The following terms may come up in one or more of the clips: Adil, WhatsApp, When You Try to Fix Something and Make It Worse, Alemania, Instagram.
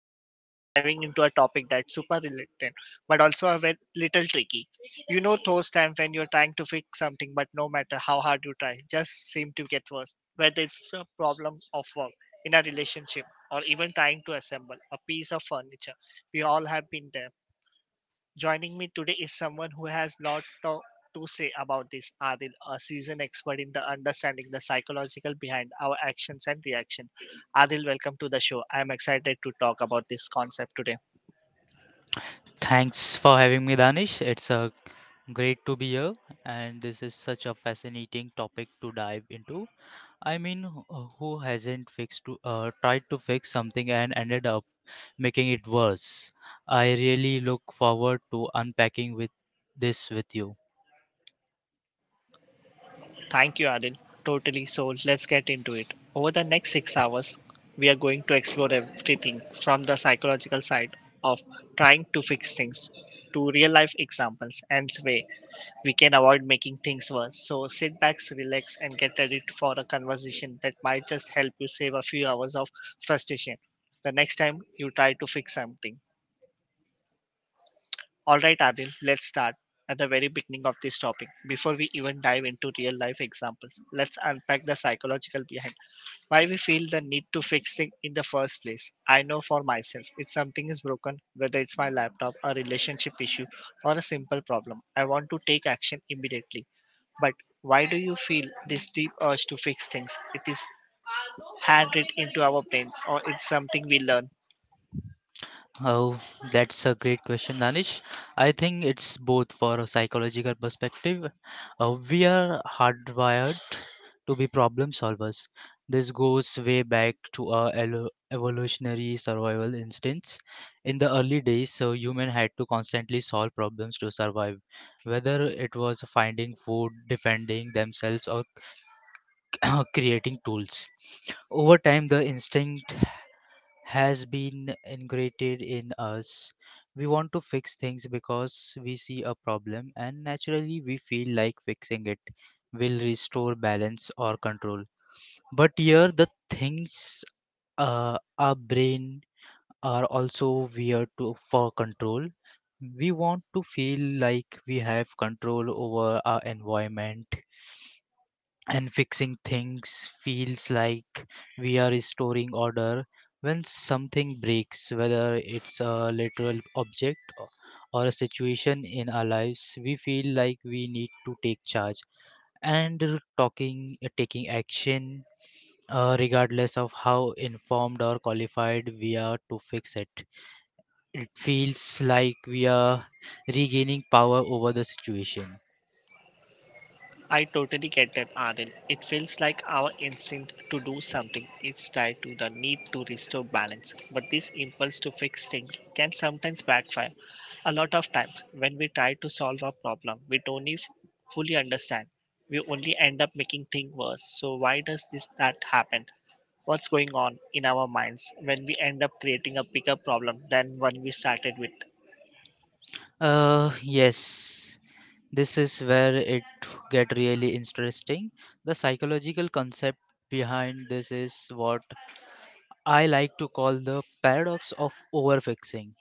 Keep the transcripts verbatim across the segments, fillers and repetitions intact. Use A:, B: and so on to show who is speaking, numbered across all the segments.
A: and today we are diving into a topic that's super related but also a ve- little tricky. You know, those times when you're trying to fix something, but no matter how hard you try, just seem to get worse, whether it's a problem of work, in a relationship, or even trying to assemble a piece of furniture. We all have been there. Joining me today is someone who has lot to, to say about this, Adil, a seasoned expert in the understanding the psychological behind our actions and reaction. Adil, welcome to the show. I am excited to talk about this concept today.
B: Thanks for having me, Danish. It's uh, great to be here, and this is such a fascinating topic to dive into. I mean, who who hasn't fixed to, uh, tried to fix something and ended up making it worse? I really look forward to unpacking with this with you.
A: Thank you, Adil. Totally. So let's get into it. Over the next six hours, we are going to explore everything from the psychological side of trying to fix things to real life examples and way. We can avoid making things worse. So sit back, relax, and get ready to- for a conversation that might just help you save a few hours of frustration the next time you try to fix something. All right, Adil, let's start at the very beginning of this topic. Before we even dive into real life examples, let's unpack the psychological behind why we feel the need to fix things in the first place. I know for myself, if something is broken, whether it's my laptop, a relationship issue, or a simple problem, I want to take action immediately. But why do you feel this deep urge to fix things? It is handwritten into our brains or it's something we learn.
B: Oh, that's a great question, Danish. I think it's both for a psychological perspective. Uh, we are hardwired to be problem solvers. This goes way back to our elo- evolutionary survival instincts. In the early days, so human had to constantly solve problems to survive, whether it was finding food, defending themselves, or creating tools over time the instinct has been ingrained in us. We want to fix things because we see a problem and naturally we feel like fixing it will restore balance or control. But here the things, uh, our brain are also weird to, for control. We want to feel like we have control over our environment, and fixing things feels like we are restoring order. When something breaks, whether it's a literal object o- or a situation in our lives, we feel like we need to take charge and r- talking uh, taking action, uh, regardless of how informed or qualified we are to fix it. It feels like we are regaining power over the situation.
A: I totally get that, Adil. It feels like our instinct to do something is tied to the need to restore balance. But this impulse to fix things can sometimes backfire. A lot of times, when we try to solve a problem, we don't if- fully understand. We only end up making things worse. So why does this that happen? What's going on in our minds when we end up creating a bigger problem than one we started with.
B: Uh, yes, this is where it get really interesting. The psychological concept behind this is what I like to call the paradox of overfixing.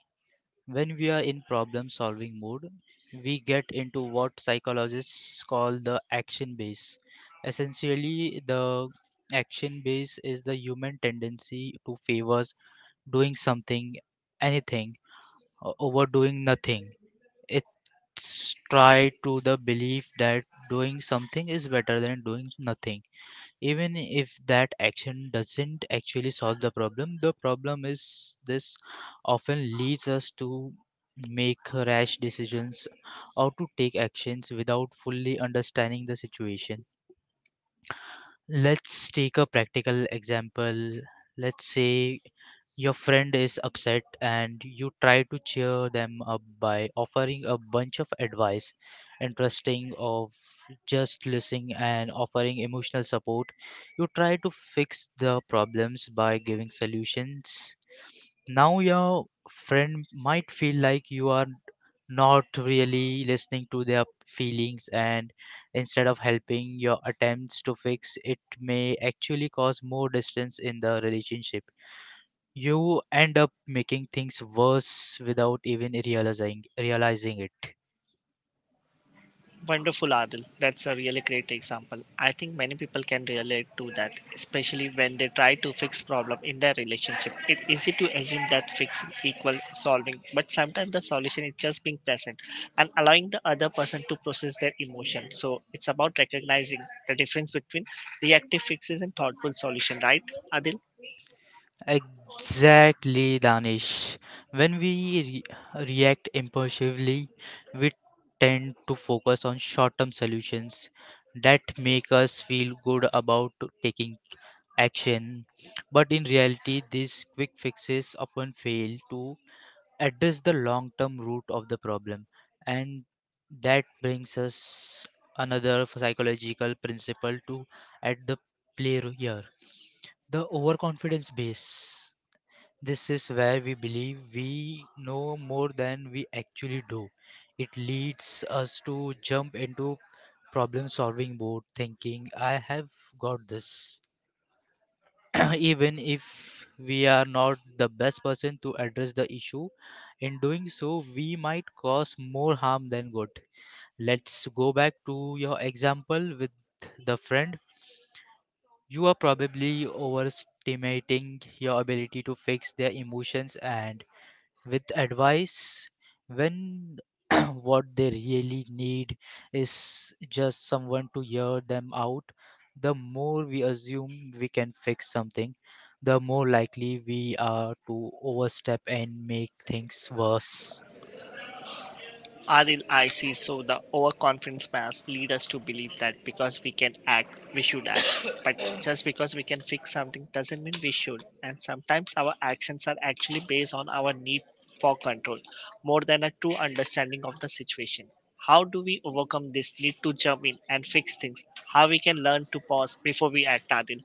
B: When we are in problem solving mode, we get into what psychologists call the action base. Essentially, the action base is the human tendency to favors doing something, anything, o- over doing nothing, try to the belief that doing something is better than doing nothing, even if that action doesn't actually solve the problem. The problem is this often leads us to make rash decisions or to take actions without fully understanding the situation. Let's take a practical example. Let's say your friend is upset, and you try to cheer them up by offering a bunch of advice, interesting of just listening and offering emotional support. You try to fix the problems by giving solutions. Now your friend might feel like you are not really listening to their feelings, and instead of helping, your attempts to fix it may actually cause more distance in the relationship. You end up making things worse without even realizing realizing it.
A: Wonderful, Adil. That's a really great example. I think many people can relate to that, especially when they try to fix problem in their relationship. It's easy to assume that fixing equals solving, but sometimes the solution is just being present and allowing the other person to process their emotion. So it's about recognizing the difference between reactive fixes and thoughtful solution, right, Adil?
B: Exactly, Danish. When we re- react impulsively, we tend to focus on short-term solutions that make us feel good about taking action. But in reality, these quick fixes often fail to address the long term root of the problem. And that brings us another psychological principle to at the play here, the overconfidence base. This is where we believe we know more than we actually do. It leads us to jump into problem solving mode thinking I have got this. Even if we are not the best person to address the issue. In doing so, we might cause more harm than good. Let's go back to your example with the friend. You are probably overestimating your ability to fix their emotions and with advice when what they really need is just someone to hear them out. The more we assume we can fix something, the more likely we are to overstep and make things worse.
A: Adil, I see. So the overconfidence bias lead us to believe that because we can act, we should act. But just because we can fix something doesn't mean we should. And sometimes our actions are actually based on our need for control more than a true understanding of the situation. How do we overcome this need to jump in and fix things? How we can learn to pause before we act, Adil?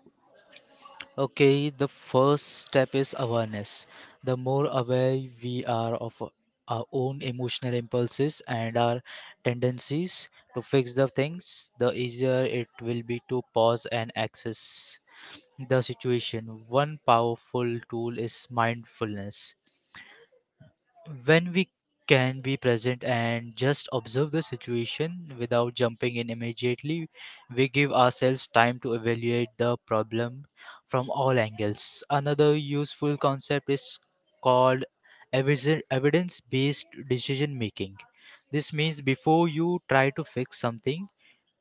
B: Okay, the first step is awareness. The more aware we are of our own emotional impulses and our tendencies to fix the things, the easier it will be to pause and access the situation. One powerful tool is mindfulness. When we can be present and just observe the situation without jumping in immediately, we give ourselves time to evaluate the problem from all angles. Another useful concept is called evidence based decision making. This means before you try to fix something,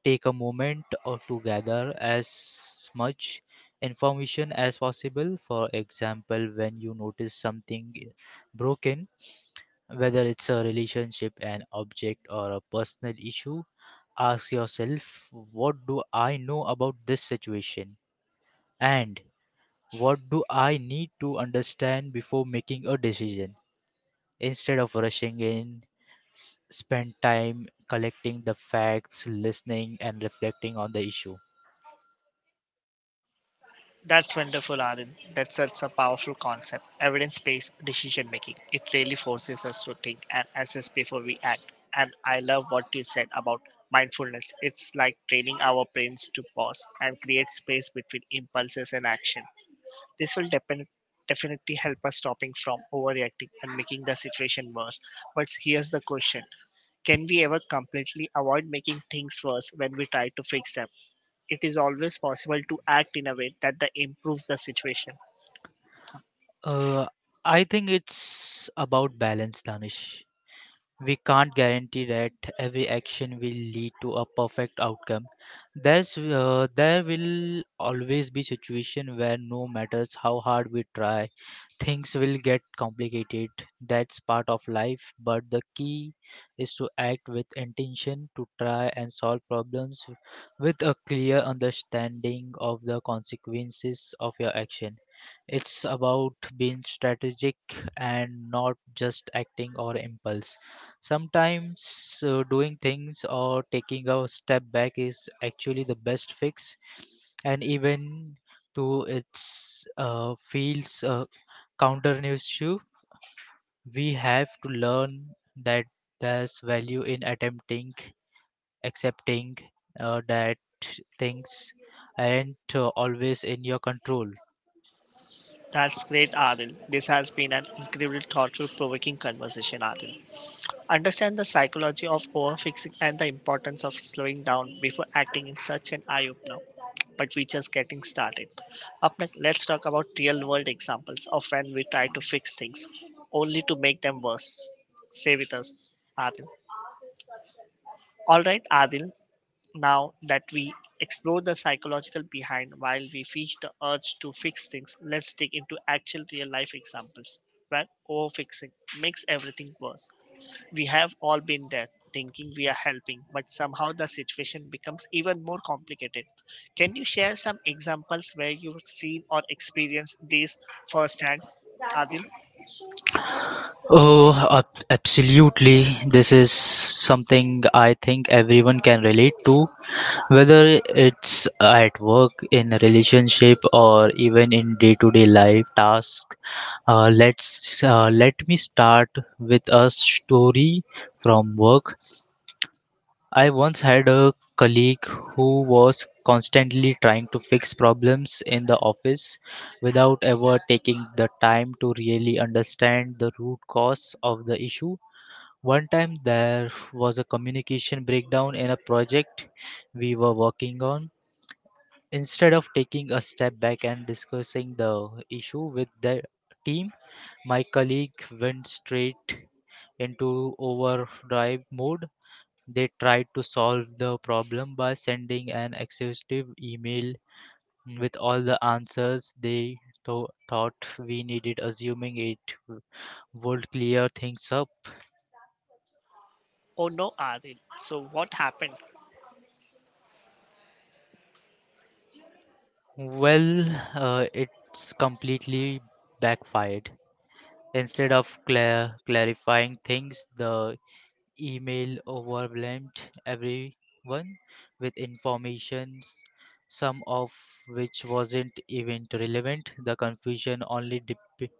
B: take a moment or to gather as much information as possible. For example, when you notice something broken, whether it's a relationship, an object, or a personal issue, ask yourself, what do I know about this situation? And what do I need to understand before making a decision? Instead of rushing in, s- spend time collecting the facts, listening, and reflecting on the issue.
A: That's wonderful, Anand. That's such a powerful concept. Evidence based decision making. It really forces us to think and assess before we act. And I love what you said about mindfulness. It's like training our brains to pause and create space between impulses and action. This will depen- definitely help us stopping from overreacting and making the situation worse. But here's the question. Can we ever completely avoid making things worse when we try to fix them? It is always possible to act in a way that the improves the situation.
B: Uh, I think it's about balance, Danish. We can't guarantee that every action will lead to a perfect outcome. There's, uh, there will always be situation where no matters how hard we try, things will get complicated. That's part of life, but the key is to act with intention, to try and solve problems with a clear understanding of the consequences of your action. It's about being strategic and not just acting or impulse. Sometimes uh, doing things or taking a step back is actually the best fix, and even though it's uh, feels uh, counterintuitive, we have to learn that there's value in attempting, accepting uh, that things aren't uh, always in your control.
A: That's great, Adil. This has been an incredibly thoughtful, provoking conversation, Adil. Understand the psychology of overfixing and the importance of slowing down before acting in such an eye opener. But we're just getting started. Up next, let's talk about real world examples of when we try to fix things only to make them worse. Stay with us, Adil. All right, Adil, now that we explore the psychological behind while we feel the urge to fix things, let's dig into actual real life examples where overfixing makes everything worse. We have all been there thinking we are helping, but somehow the situation becomes even more complicated. Can you share some examples where you've seen or experienced these firsthand, Adil?
B: Oh, ab- absolutely. This is something I think everyone can relate to. Whether it's at work, in a relationship, or even in day-to-day life tasks, uh, let's uh, let me start with a story from work. I once had a colleague who was constantly trying to fix problems in the office without ever taking the time to really understand the root cause of the issue. One time there was a communication breakdown in a project we were working on. Instead of taking a step back and discussing the issue with the team, my colleague went straight into overdrive mode. They tried to solve the problem by sending an exhaustive email with all the answers they tho- thought we needed, assuming it w- would clear things up.
A: Oh no, Adil. So what happened?
B: Well, uh, it's completely backfired. Instead of cla clarifying things, the email overwhelmed everyone with informations, some of which wasn't even relevant. The confusion only dep-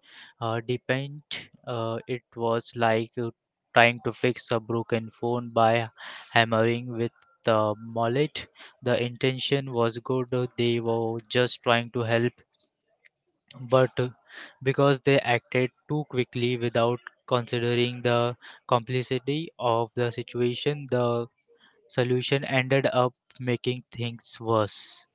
B: uh, deepened. Uh, it was like uh, trying to fix a broken phone by hammering with the mallet. The intention was good, they were just trying to help, but because they acted too quickly without considering the complexity of the situation, the solution ended up making things worse.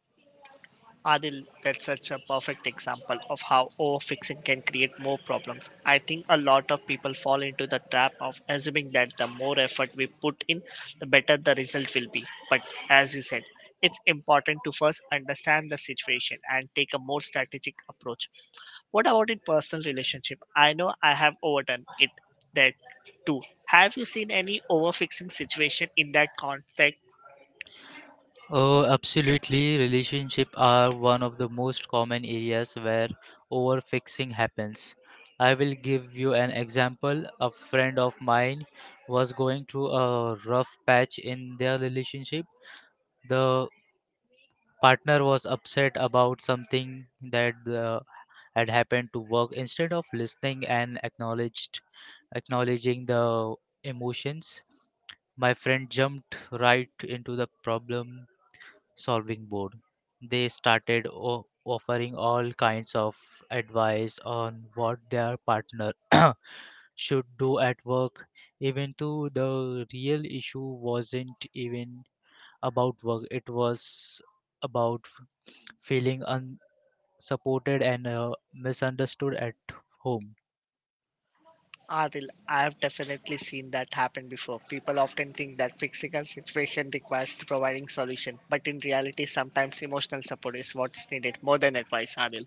A: Adil, that's such a perfect example of how overfixing can create more problems. I think a lot of people fall into the trap of assuming that the more effort we put in, the better the result will be. But as you said, it's important to first understand the situation and take a more strategic approach. What about in personal relationship? I know I have overdone it that too. Have you seen any overfixing situation in that context?
B: Oh, absolutely. Relationships are one of the most common areas where overfixing happens. I will give you an example. A friend of mine was going through a rough patch in their relationship. The partner was upset about something that the had happened to work. Instead of listening and acknowledged acknowledging the emotions, my friend jumped right into the problem solving board. They started o- offering all kinds of advice on what their partner should do at work, even though the real issue wasn't even about work. It was about feeling un supported and uh, misunderstood at home.
A: Adil, I have definitely seen that happen before. People often think that fixing a situation requires providing solution, but in reality, sometimes emotional support is what's needed more than advice, Adil.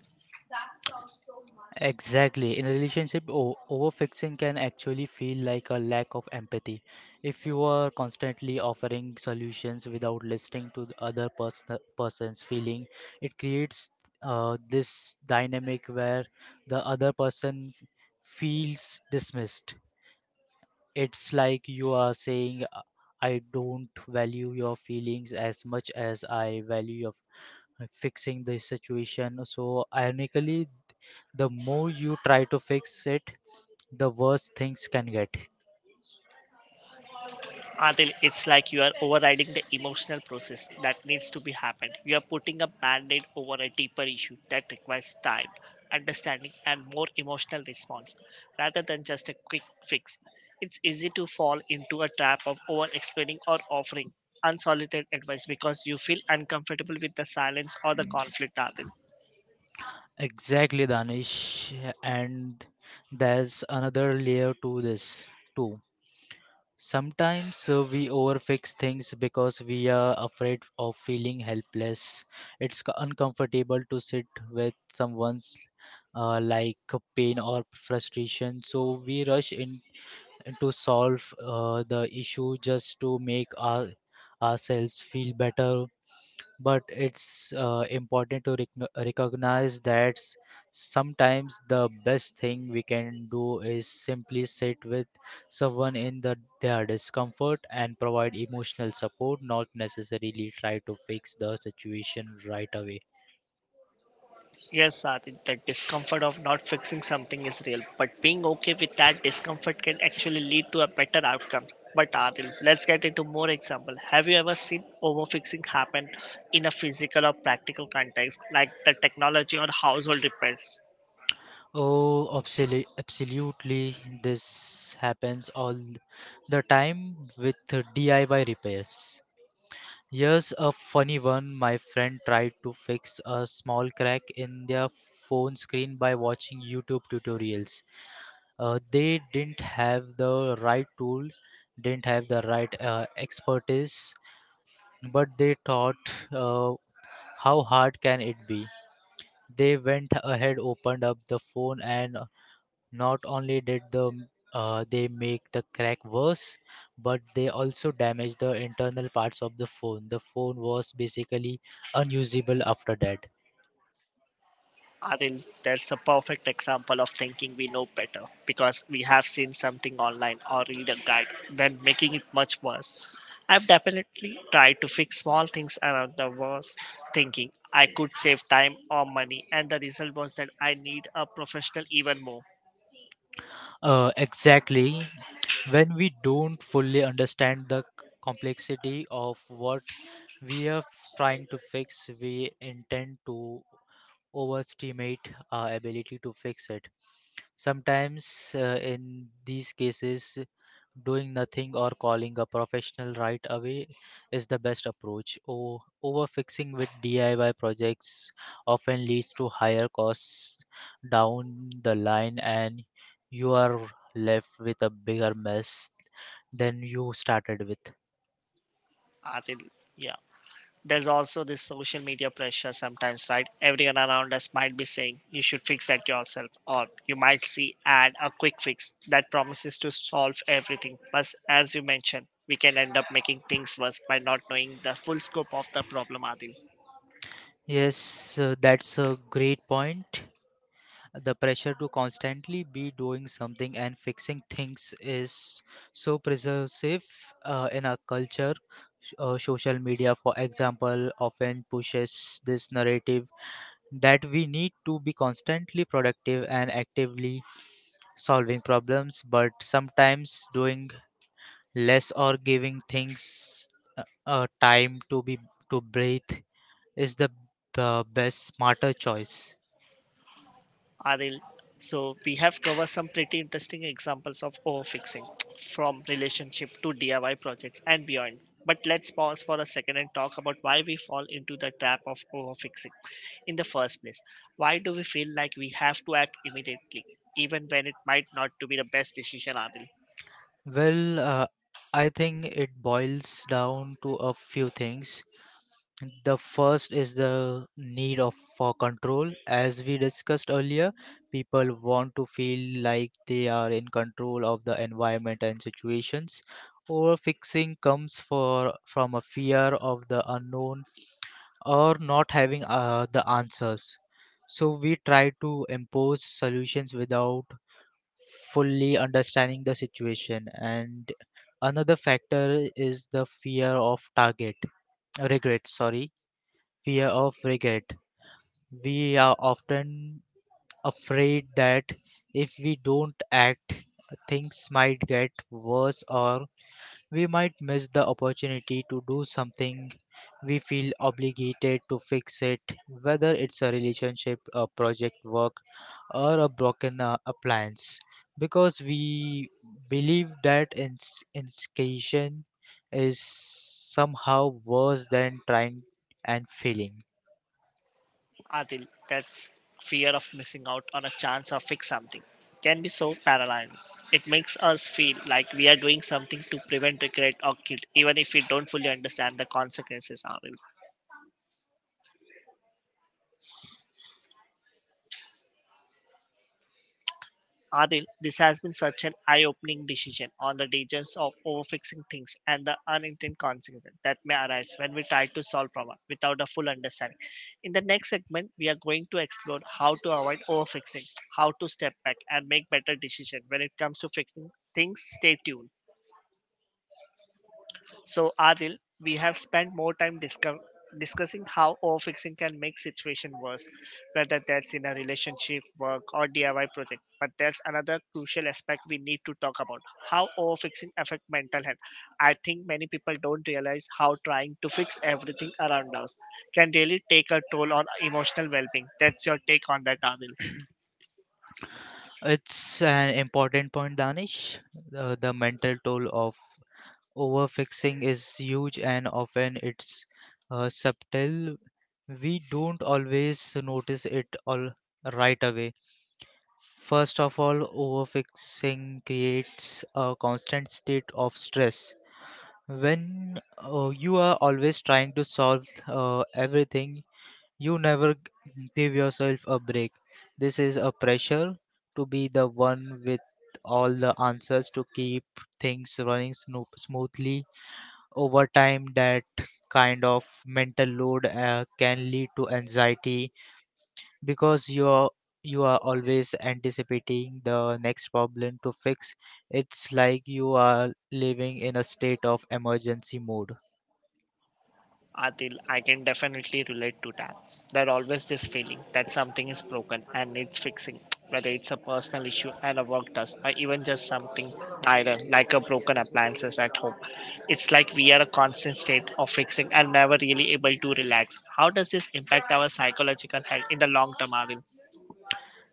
B: Exactly. In a relationship, o- overfixing can actually feel like a lack of empathy. If you are constantly offering solutions without listening to the other person, person's feeling, it creates uh, this dynamic where the other person f- feels dismissed. It's like you are saying, "Uh, I don't value your feelings as much as I value your fixing the situation." So, ironically, the more you try to fix it, the worse things can get.
A: Adil, it's like you are overriding the emotional process that needs to be happened. You are putting a band-aid over a deeper issue that requires time, understanding, and more emotional response rather than just a quick fix. It's easy to fall into a trap of over-explaining or offering unsolicited advice because you feel uncomfortable with the silence or the conflict, Adil.
B: Exactly, Danish. And there's another layer to this, too. Sometimes uh, we overfix things because we are afraid of feeling helpless. It's c- uncomfortable to sit with someone's uh, like pain or frustration, so we rush in to solve uh, the issue just to make our, ourselves feel better. But it's uh, important to rec- recognize that s- sometimes the best thing we can do is simply sit with someone in the, their discomfort and provide emotional support, not necessarily try to fix the situation right away.
A: Yes, Adi, the discomfort of not fixing something is real, but being okay with that discomfort can actually lead to a better outcome. But Adil, let's get into more example. Have you ever seen overfixing happen in a physical or practical context, like the technology or household repairs?
B: Oh, absolutely absolutely, this happens all the time with D I Y repairs. Here's a funny one. My friend tried to fix a small crack in their phone screen by watching YouTube tutorials. Uh, they didn't have the right tool, didn't have the right uh, expertise, but they thought, uh, how hard can it be? They went ahead, opened up the phone, and not only did the uh, they make the crack worse, but they also damaged the internal parts of the phone. The phone was basically unusable after that.
A: Adil, that's a perfect example of thinking we know better because we have seen something online or read a guide, then making it much worse. I've definitely tried to fix small things around the worse, thinking I could save time or money, and the result was that I need a professional even more.
B: Uh, exactly. When we don't fully understand the c- complexity of what we are f- trying to fix, we intend to overestimate our ability to fix it. Sometimes, uh, in these cases, doing nothing or calling a professional right away is the best approach. O- overfixing with D I Y projects often leads to higher costs down the line, and you are left with a bigger mess than you started with.
A: Adil, yeah, there's also this social media pressure sometimes right everyone around us might be saying you should fix that yourself or you might see ad a quick fix that promises to solve everything but as you mentioned we can end up making things worse by not knowing the full scope of the problem Adil.
B: Yes, uh, that's a great point. The pressure to constantly be doing something and fixing things is so pervasive uh, in our culture. S- uh, social media, for example, often pushes this narrative that we need to be constantly productive and actively solving problems, but sometimes doing less or giving things uh, uh, time to be to breathe is the uh, best, smarter choice.
A: Aril. So we have covered some pretty interesting examples of overfixing from relationship to D I Y projects and beyond. But let's pause for a second and talk about why we fall into the trap of overfixing in the first place. Why do we feel like we have to act immediately, even when it might not to be the best decision, Adil?
B: Well, uh, I think it boils down to a few things. The first is the need of for control. As we discussed earlier, people want to feel like they are in control of the environment and situations. Overfixing comes for from a fear of the unknown or not having uh, the answers. So we try to impose solutions without fully understanding the situation, and another factor is the fear of target regret sorry fear of regret. We are often afraid that if we don't act, things might get worse, or we might miss the opportunity to do something. We feel obligated to fix it, whether it's a relationship, a project, work, or a broken uh, appliance, because we believe that ins- instigation is somehow worse than trying and failing.
A: Adil, that's fear of missing out on a chance or fix something can be so paralyzing. It makes us feel like we are doing something to prevent regret or guilt, even if we don't fully understand the consequences are. Adil, this has been such an eye opening decision on the dangers of overfixing things and the unintended consequences that may arise when we try to solve problems without a full understanding. In the next segment, we are going to explore how to avoid overfixing, how to step back and make better decisions when it comes to fixing things. Stay tuned. So, Adil, we have spent more time discuss- discussing how overfixing can make situation worse, whether that's in a relationship, work, or D I Y project. But there's another crucial aspect we need to talk about: how overfixing affect mental health. I think many people don't realize how trying to fix everything around us can really take a toll on emotional well-being. That's your take on that, Adil.
B: It's an important point, Danish. Uh, the mental toll of overfixing is huge, and often it's uh, subtle. We don't always notice it all right away. First of all, overfixing creates a constant state of stress. When uh, you are always trying to solve uh, everything, you never g- give yourself a break. This is a pressure to be the one with all the answers, to keep things running sno- smoothly. Over time, that kind of mental load uh, can lead to anxiety, because you are you are always anticipating the next problem to fix. It's like you are living in a state of emergency mode.
A: Adil, I can definitely relate to that. There always this feeling that something is broken and needs fixing, whether it's a personal issue and a work task, or even just something minor like a broken appliances at home. It's like we are a constant state of fixing and never really able to relax. How does this impact our psychological health in the long term, Adil?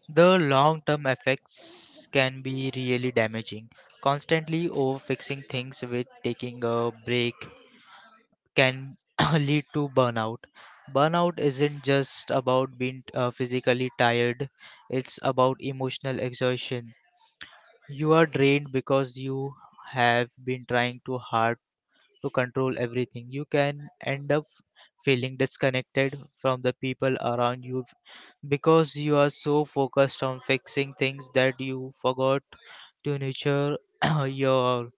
B: The long term effects can be really damaging. Constantly over fixing things with taking a break can lead to burnout. Burnout isn't just about being uh, physically tired, it's about emotional exhaustion. You are drained because you have been trying too hard to control everything. You can end up feeling disconnected from the people around you because you are so focused on fixing things that you forgot to nurture your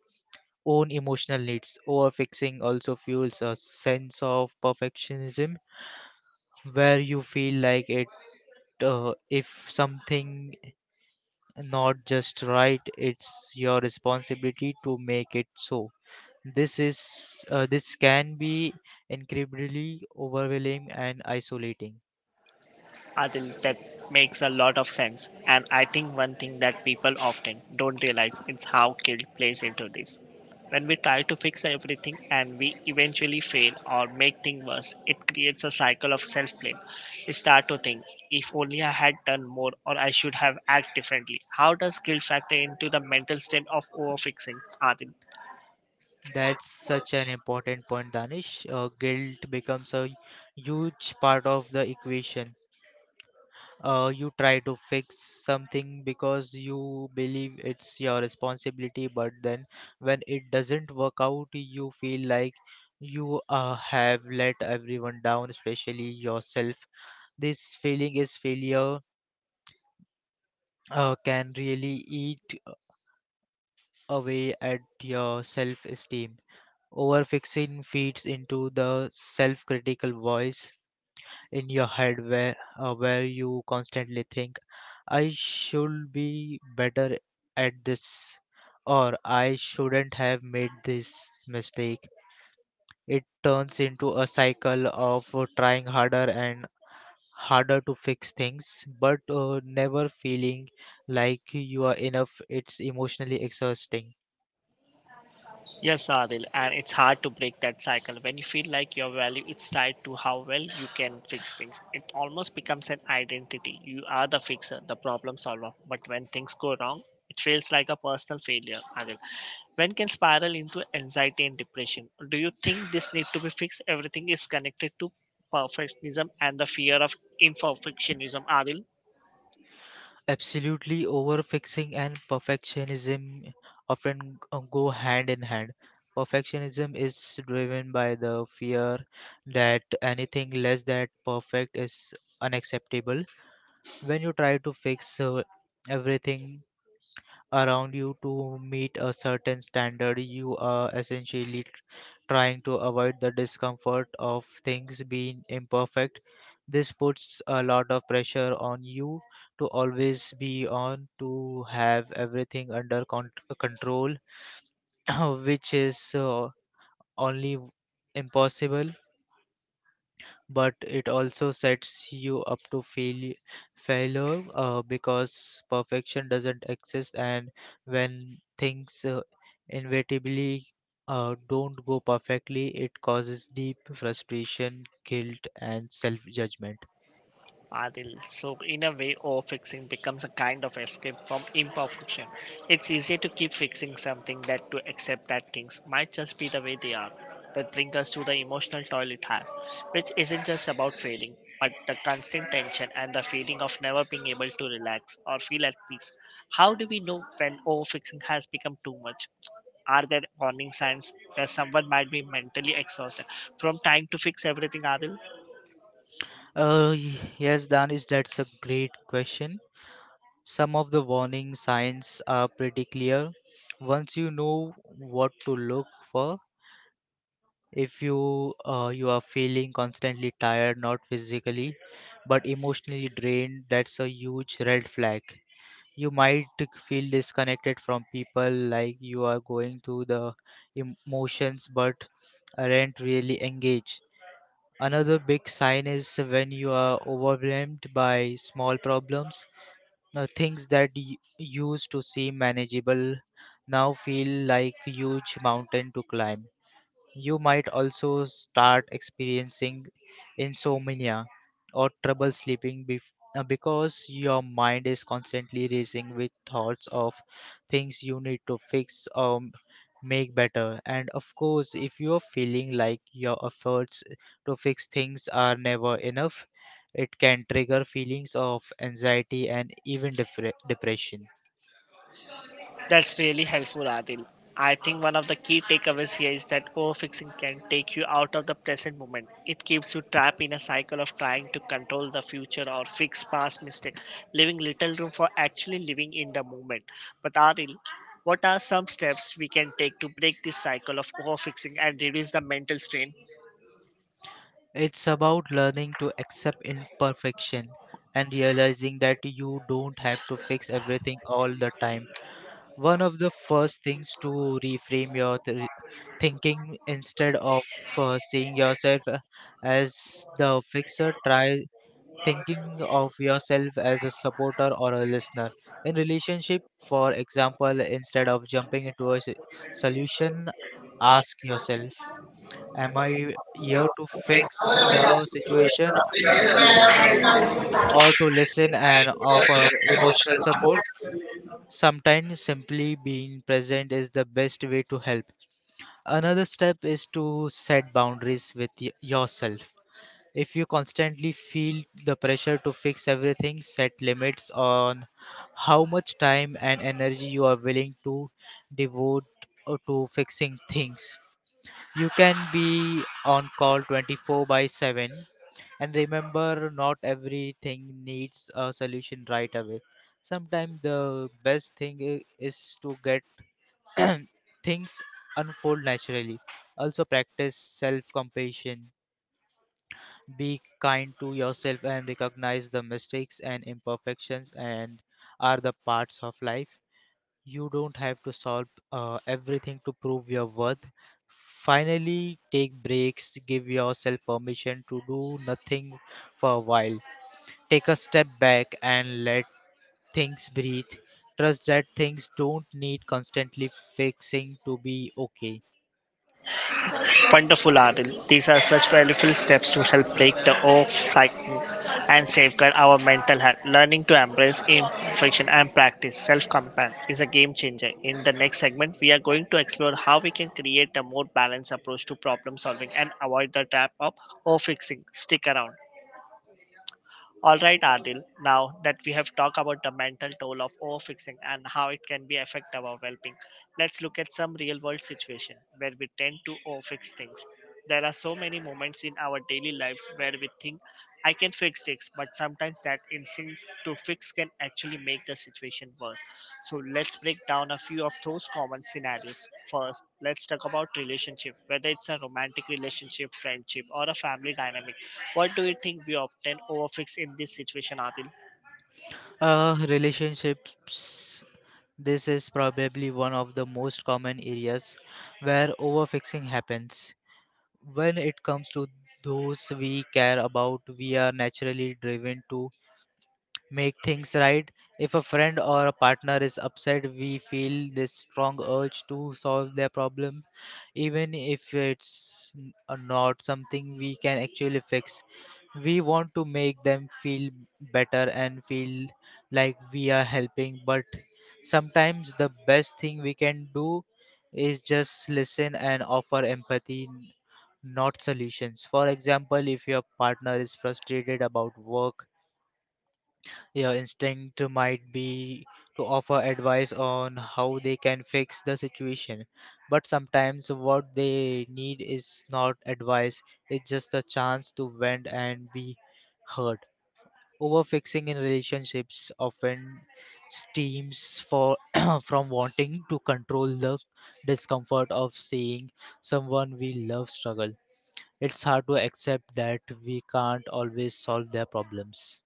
B: own emotional needs. Overfixing also fuels a sense of perfectionism, where you feel like it uh, if something not just right, it's your responsibility to make it so. this is uh, this can be incredibly overwhelming and isolating.
A: Adil, that makes a lot of sense. And I think one thing that people often don't realize is how guilt plays into this. When we try to fix everything and we eventually fail or make things worse, it creates a cycle of self blame. We start to think, if only I had done more or I should have acted differently. How does guilt factor into the mental state of overfixing, Adil?
B: That's such an important point, Danish. Uh, guilt becomes a huge part of the equation. Uh, you try to fix something because you believe it's your responsibility, but then when it doesn't work out, you feel like you uh, have let everyone down, especially yourself. This feeling is failure uh, can really eat away at your self esteem. Overfixing feeds into the self critical voice in your head where, uh, where you constantly think, I should be better at this, or I shouldn't have made this mistake. It turns into a cycle of uh, trying harder and harder to fix things, but uh, never feeling like you are enough. It's emotionally exhausting.
A: Yes, Adil, and it's hard to break that cycle. When you feel like your value is tied to how well you can fix things, it almost becomes an identity. You are the fixer, the problem solver. But when things go wrong, it feels like a personal failure, Adil. When can spiral into anxiety and depression? Do you think this need to be fixed? Everything is connected to perfectionism and the fear of imperfectionism, Adil.
B: Absolutely, overfixing and perfectionism often g- go hand in hand. Perfectionism is driven by the fear that anything less than perfect is unacceptable. When you try to fix uh, everything around you to meet a certain standard, you are essentially tr- trying to avoid the discomfort of things being imperfect. This puts a lot of pressure on you to always be on, to have everything under con- control, which is uh, only impossible, but it also sets you up to fail failure uh, because perfection doesn't exist, and when things uh, inevitably uh, don't go perfectly, it causes deep frustration, guilt, and self judgment.
A: Adil. So, in a way, overfixing becomes a kind of escape from imperfection. It's easier to keep fixing something than to accept that things might just be the way they are. That brings us to the emotional toll it has, which isn't just about failing, but the constant tension and the feeling of never being able to relax or feel at peace. How do we know when overfixing has become too much? Are there warning signs that someone might be mentally exhausted from trying to fix everything, Adil?
B: Uh, y- yes, Danish, that's a great question. Some of the warning signs are pretty clear once you know what to look for. If you uh, you are feeling constantly tired, not physically but emotionally drained, that's a huge red flag. You might feel disconnected from people, like you are going through the emotions but aren't really engaged. Another big sign is when you are overwhelmed by small problems, uh, things that y- used to seem manageable now feel like huge mountain to climb. You might also start experiencing insomnia or trouble sleeping, bef- uh, because your mind is constantly racing with thoughts of things you need to fix or m- make better. And of course, if you are feeling like your efforts to fix things are never enough, it can trigger feelings of anxiety and even depre- depression.
A: That's really helpful, Adil. I think one of the key takeaways here is that overfixing can take you out of the present moment. It keeps you trapped in a cycle of trying to control the future or fix past mistakes, leaving little room for actually living in the moment. But Adil, what are some steps we can take to break this cycle of overfixing and reduce the mental strain?
B: It's about learning to accept imperfection and realizing that you don't have to fix everything all the time. One of the first things to reframe your th- thinking, instead of uh, seeing yourself uh, as the fixer, try thinking of yourself as a supporter or a listener. In relationship, for example, instead of jumping into a s- solution, ask yourself, am I here to fix the situation or to listen and offer emotional support? Sometimes simply being present is the best way to help. Another step is to set boundaries with y- yourself. If you constantly feel the pressure to fix everything, set limits on how much time and energy you are willing to devote uh, to fixing things. You can be on call twenty four by seven. And remember, not everything needs a solution right away. Sometimes the best thing i- is to get things unfold naturally. Also, practice self compassion. Be kind to yourself and recognize the mistakes and imperfections and are the parts of life. You don't have to solve uh, everything to prove your worth. Finally, take breaks. Give yourself permission to do nothing for a while. Take a step back and let things breathe. Trust that things don't need constantly fixing to be okay.
A: Wonderful, Adil. These are such valuable steps to help break the off cycle and safeguard our mental health. Learning to embrace imperfection and practice self compassion is a game changer. In the next segment, we are going to explore how we can create a more balanced approach to problem solving and avoid the trap of overfixing. Stick around. All right, Adil, now that we have talked about the mental toll of overfixing and how it can be affect our well-being, let's look at some real-world situation where we tend to overfix things. There are so many moments in our daily lives where we think, I can fix this, but sometimes that instincts to fix can actually make the situation worse. So let's break down a few of those common scenarios. First, let's talk about relationship, whether it's a romantic relationship, friendship, or a family dynamic. What do you think we often overfix in this situation, Adil?
B: Uh, relationships. This is probably one of the most common areas where overfixing happens. When it comes to those we care about, we are naturally driven to make things right. If a friend or a partner is upset, we feel this strong urge to solve their problem, even if it's n- uh, not something we can actually fix. We want to make them feel better and feel like we are helping, but sometimes the best thing we can do is just listen and offer empathy, n- not solutions. For example, if your partner is frustrated about work, your instinct might be to offer advice on how they can fix the situation, but sometimes what they need is not advice, it's just a chance to vent and be heard. Overfixing in relationships often stems for from wanting to control the discomfort of seeing someone we love struggle. It's hard to accept that we can't always solve their problems.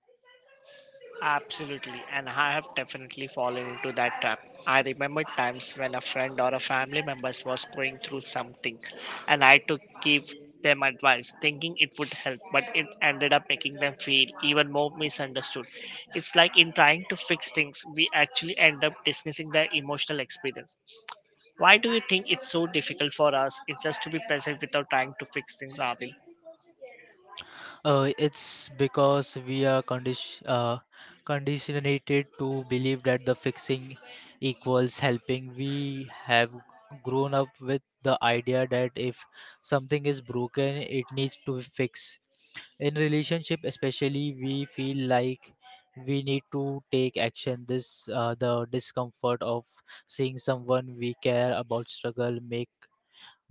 A: Absolutely, and I have definitely fallen into that trap. I remember times when a friend or a family member was going through something, and I to give them advice, thinking it would help, but it ended up making them feel even more misunderstood. It's like in trying to fix things, we actually end up dismissing their emotional experience. Why do you think it's so difficult for us? It's just to be present without trying to fix things, Adil.
B: Uh, it's because we are condition uh, conditioned to believe that the fixing equals helping. We have grown up with the idea that if something is broken, it needs to be fixed. In relationship, especially, we feel like we need to take action. This uh, The discomfort of seeing someone we care about struggle make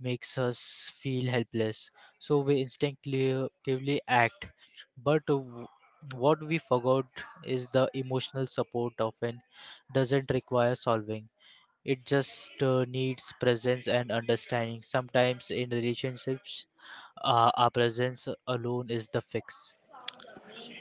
B: makes us feel helpless. So we instinctively act. But w- what we forgot is the emotional support often doesn't require solving. It just uh, needs presence and understanding. Sometimes in relationships, uh, our presence alone is the fix.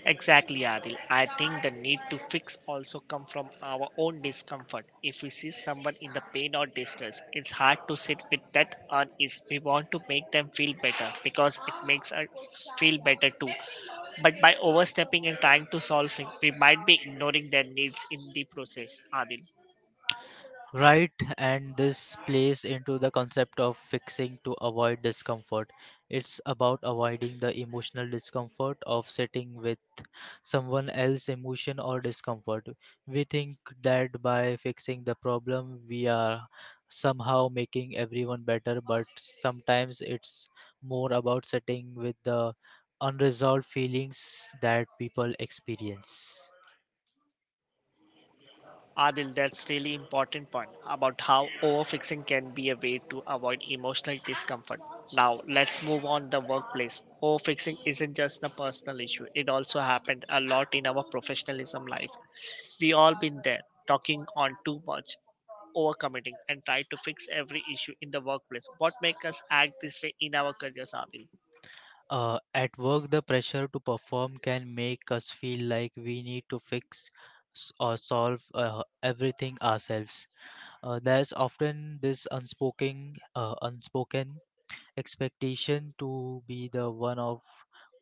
A: Exactly, Adil. I think the need to fix also come from our own discomfort. If we see someone in the pain or distress, it's hard to sit with that unease. We want to make them feel better because it makes us feel better too. But by overstepping and trying to solve things, we might be ignoring their needs in the process, Adil.
B: Right, and this plays into the concept of fixing to avoid discomfort. It's about avoiding the emotional discomfort of sitting with someone else's emotion or discomfort. We think that by fixing the problem, we are somehow making everyone better, but sometimes it's more about setting with the unresolved feelings that people experience.
A: Adil, that's really important point about how overfixing can be a way to avoid emotional discomfort. Now let's move on the workplace. Overfixing isn't just a personal issue. It also happened a lot in our professionalism life. We all been there, talking on too much, overcommitting, and try to fix every issue in the workplace. What make us act this way in our careers, Adil?
B: Uh, at work, the pressure to perform can make us feel like we need to fix s- or solve uh, everything ourselves. Uh, there's often this unspoken, uh, unspoken expectation to be the one of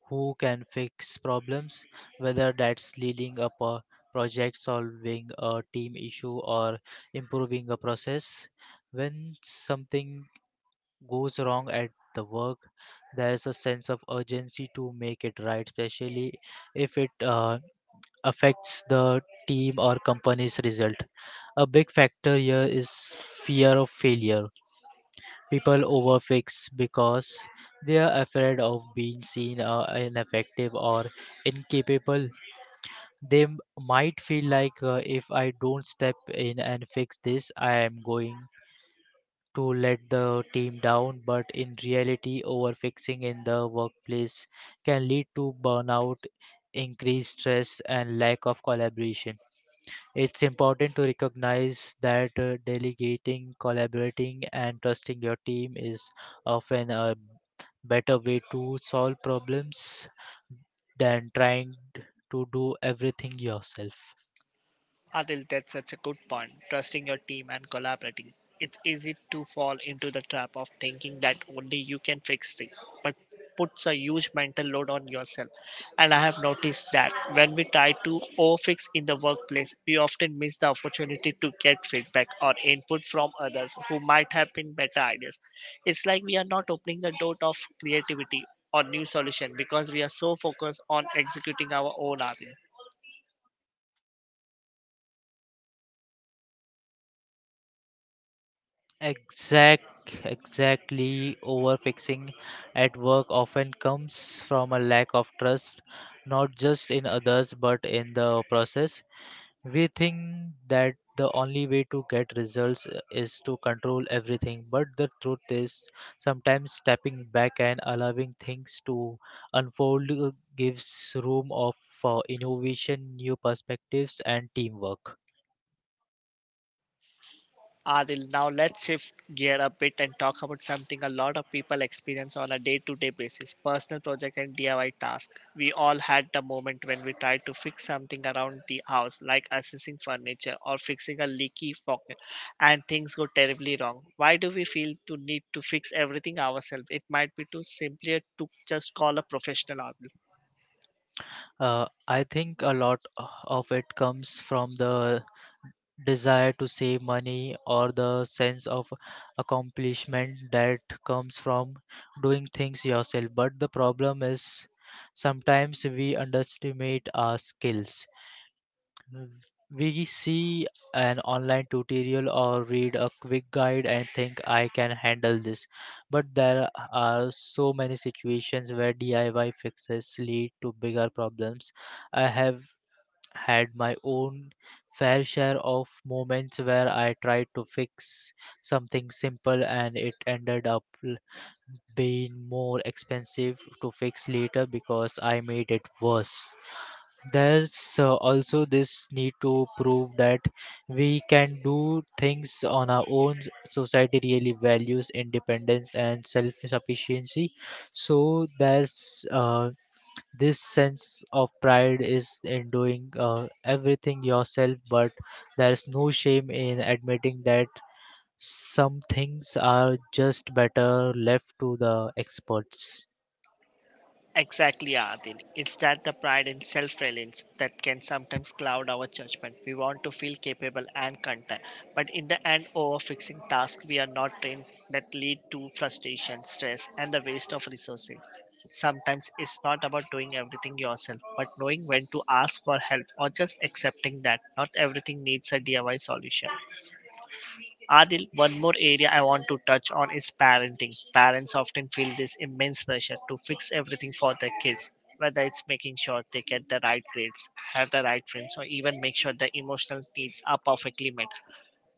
B: who can fix problems, whether that's leading up a project, solving a team issue, or improving a process. When something goes wrong at the work, there's a sense of urgency to make it right, especially if it uh, affects the team or company's result. A big factor here is fear of failure. People overfix because they are afraid of being seen uh, ineffective or incapable. They m- might feel like, uh, if I don't step in and fix this, I am going to let the team down. But in reality, overfixing in the workplace can lead to burnout, increased stress, and lack of collaboration. It's important to recognize that uh, delegating, collaborating, and trusting your team is often a better way to solve problems than trying to do everything yourself.
A: Adil, that's such a good point. Trusting your team and collaborating. It's easy to fall into the trap of thinking that only you can fix things, but puts a huge mental load on yourself. And I have noticed that when we try to overfix in the workplace, we often miss the opportunity to get feedback or input from others who might have been better ideas. It's like we are not opening the door of creativity or new solution because we are so focused on executing our own ideas.
B: Exact, exactly. Overfixing at work often comes from a lack of trust, not just in others but in the process. We think that the only way to get results is to control everything, but the truth is sometimes stepping back and allowing things to unfold uh, gives room of for innovation, new perspectives, and teamwork.
A: Adil, now let's shift gear a bit and talk about something a lot of people experience on a day to day basis personal project and D I Y task. We all had the moment when we tried to fix something around the house, like assessing furniture or fixing a leaky pocket, and things go terribly wrong. Why do we feel to need to fix everything ourselves? It might be too simpler to just call a professional out.
B: Uh, I think a lot of it comes from the desire to save money or the sense of accomplishment that comes from doing things yourself. But the problem is sometimes we underestimate our skills. We see an online tutorial or read a quick guide and think, I can handle this. But there are so many situations where D I Y fixes lead to bigger problems. I have had my own fair share of moments where I tried to fix something simple and it ended up l- being more expensive to fix later because I made it worse. There's uh, also this need to prove that we can do things on our own. Society really values independence and self sufficiency. So, there's uh, this sense of pride is in doing uh, everything yourself, but there's no shame in admitting that some things are just better left to the experts.
A: Exactly, Adil. It's that the pride and self reliance that can sometimes cloud our judgment. We want to feel capable and content, but in the end, over fixing tasks we are not trained that lead to frustration, stress, and the waste of resources. Sometimes it's not about doing everything yourself, but knowing when to ask for help or just accepting that not everything needs a D I Y solution. Adil, one more area I want to touch on is parenting. Parents often feel this immense pressure to fix everything for their kids, whether it's making sure they get the right grades, have the right friends, or even make sure their emotional needs are perfectly met.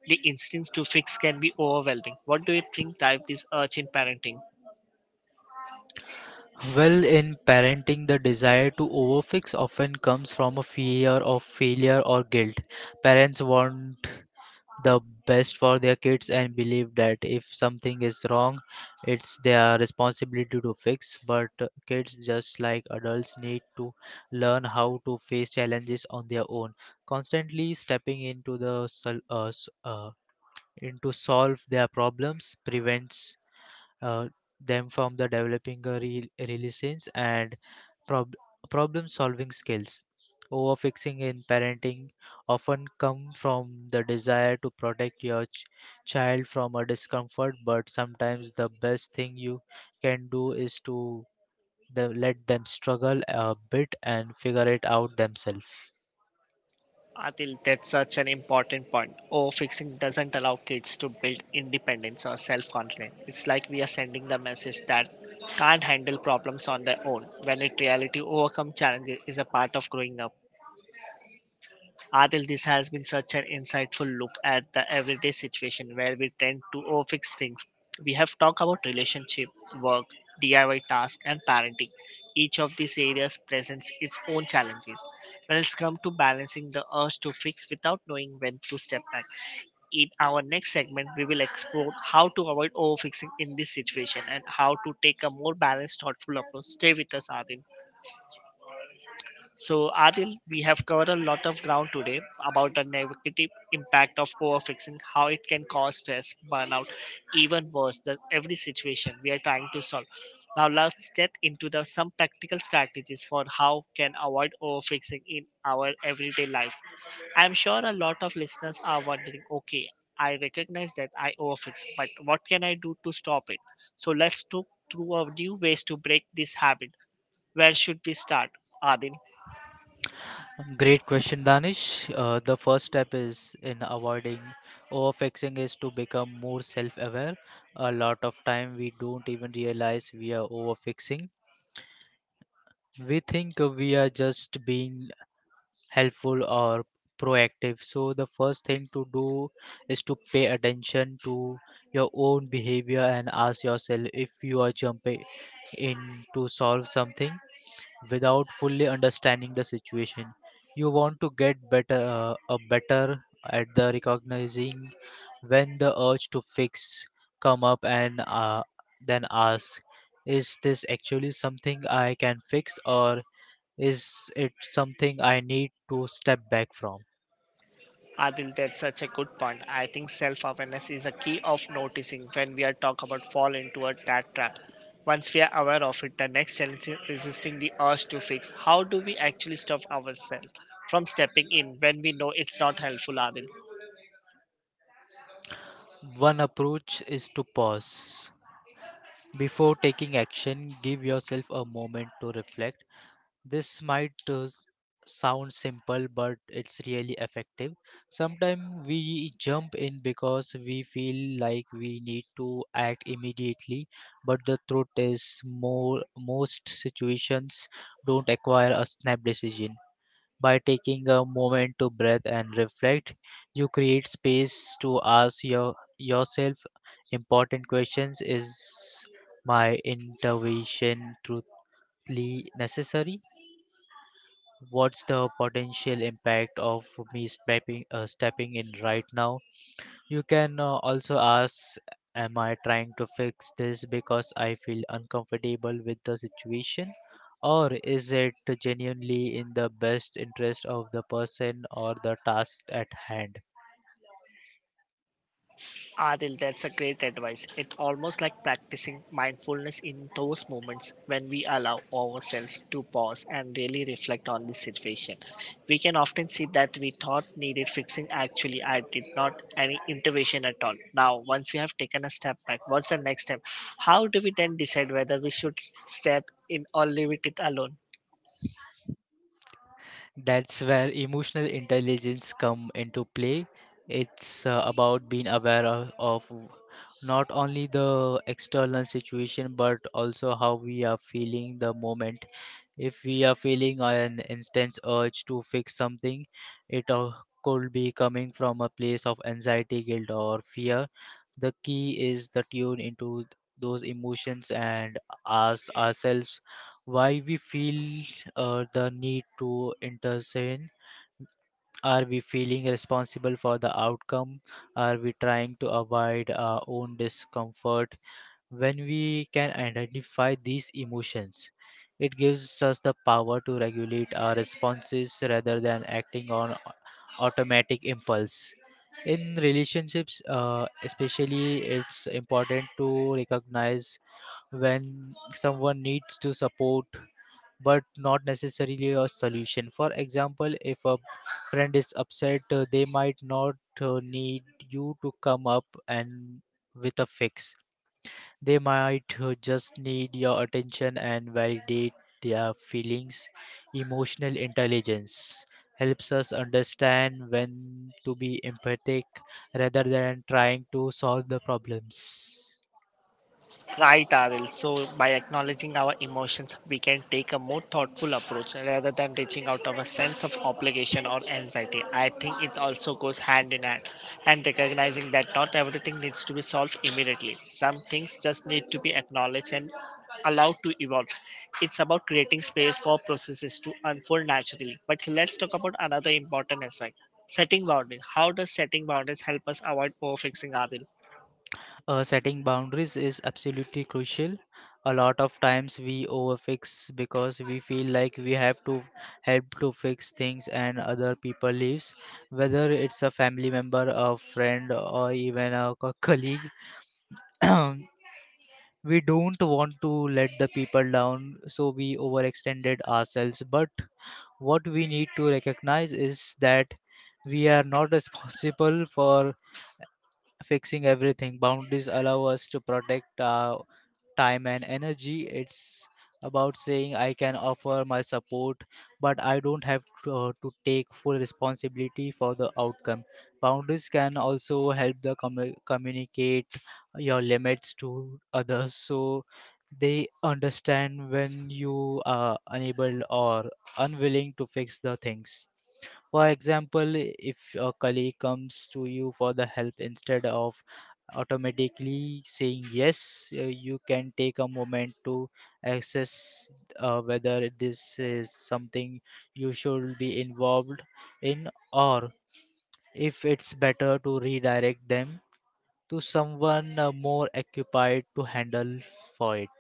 A: The instinct to fix can be overwhelming. What do you think drives this urge in parenting?
B: Well, in parenting, the desire to overfix often comes from a fear of failure or guilt. Parents want the best for their kids and believe that if something is wrong it's their responsibility to fix, but uh, kids just like adults need to learn how to face challenges on their own. Constantly stepping into the sol- uh, s- uh, into solve their problems prevents uh, them from the developing a real resilience and prob- problem solving skills. Overfixing in parenting often come from the desire to protect your ch- child from a discomfort, but sometimes the best thing you can do is to the, let them struggle a bit and figure it out themselves.
A: Adil, that's such an important point. Overfixing doesn't allow kids to build independence or self-confidence. It's like we are sending the message that can't handle problems on their own, when in reality, overcome challenges is a part of growing up. Adil, this has been such an insightful look at the everyday situation where we tend to overfix things. We have talked about relationship, work, D I Y tasks, and parenting. Each of these areas presents its own challenges. When it's come to balancing the urge to fix without knowing when to step back, in our next segment we will explore how to avoid overfixing in this situation and how to take a more balanced thoughtful approach. Stay with us, Adil. So, Adil, we have covered a lot of ground today about the negative impact of overfixing, how it can cause stress, burnout, even worse than every situation we are trying to solve. Now, let's get into the some practical strategies for how can avoid overfixing in our everyday lives. I'm sure a lot of listeners are wondering, okay, I recognize that I overfix, but what can I do to stop it? So, let's talk through a new ways to break this habit. Where should we start, Adil?
B: Great question, Danish. Uh, the first step is in avoiding overfixing is to become more self-aware. A lot of time we don't even realize we are overfixing. We think we are just being helpful or proactive. So the first thing to do is to pay attention to your own behavior and ask yourself if you are jumping in to solve something without fully understanding the situation. You want to get better, uh, a better at the recognizing when the urge to fix come up, and uh, then ask, is this actually something I can fix or is it something I need to step back from?
A: Adil, that's such a good point. I think self-awareness is a key of noticing when we are talk about fall into a that trap. Once we are aware of it, the next challenge is resisting the urge to fix. How do we actually stop ourselves from stepping in when we know it's not helpful, Adil?
B: One approach is to pause. Before taking action, give yourself a moment to reflect. This might uh, s- sound simple, but it's really effective. Sometimes we jump in because we feel like we need to act immediately, but the truth is, more, most situations don't acquire a snap decision. By taking a moment to breathe and reflect, you create space to ask your, yourself important questions. Is my intervention truly necessary? What's the potential impact of me stepping uh, stepping in right now? You can uh, also ask, am I trying to fix this because I feel uncomfortable with the situation, or is it genuinely in the best interest of the person or the task at hand?
A: Adil, that's a great advice. It's almost like practicing mindfulness in those moments when we allow ourselves to pause and really reflect on the situation. We can often see that we thought needed fixing actually I did not any intervention at all. Now, once we have taken a step back, what's the next step? How do we then decide whether we should s- step in or leave it it alone?
B: That's where emotional intelligence come into play. It's uh, about being aware of, of not only the external situation but also how we are feeling the moment. If we are feeling an intense urge to fix something, it uh, could be coming from a place of anxiety, guilt, or fear. The key is to tune into th- those emotions and ask ourselves why we feel uh, the need to intervene. Are we feeling responsible for the outcome? Are we trying to avoid our own discomfort? When we can identify these emotions, it gives us the power to regulate our responses rather than acting on au- automatic impulse. In relationships, uh, especially, it's important to recognize when someone needs to support but not necessarily a solution. For example, if a friend is upset, uh, they might not uh, need you to come up and with a fix. They might uh, just need your attention and validate their feelings. Emotional intelligence helps us understand when to be empathic rather than trying to solve the problems.
A: Right, Aril. So, by acknowledging our emotions, we can take a more thoughtful approach rather than reaching out of a sense of obligation or anxiety. I think it also goes hand in hand and recognizing that not everything needs to be solved immediately. Some things just need to be acknowledged and allowed to evolve. It's about creating space for processes to unfold naturally. But let's talk about another important aspect setting boundaries. How does setting boundaries help us avoid overfixing, Aril?
B: Uh, setting boundaries is absolutely crucial. A lot of times we overfix because we feel like we have to help to fix things and other people lives, whether it's a family member, a friend, or even a co- colleague. We don't want to let the people down, so we overextended ourselves. But what we need to recognize is that we are not responsible for fixing everything. Boundaries allow us to protect our time and energy. It's about saying I can offer my support, but I don't have to, uh, to take full responsibility for the outcome. Boundaries can also help the commu- communicate your limits to others so they understand when you are unable or unwilling to fix the things. For example, if a colleague comes to you for the help, instead of automatically saying yes, uh, you can take a moment to assess uh, whether this is something you should be involved in, or if it's better to redirect them to someone uh, more occupied to handle for it.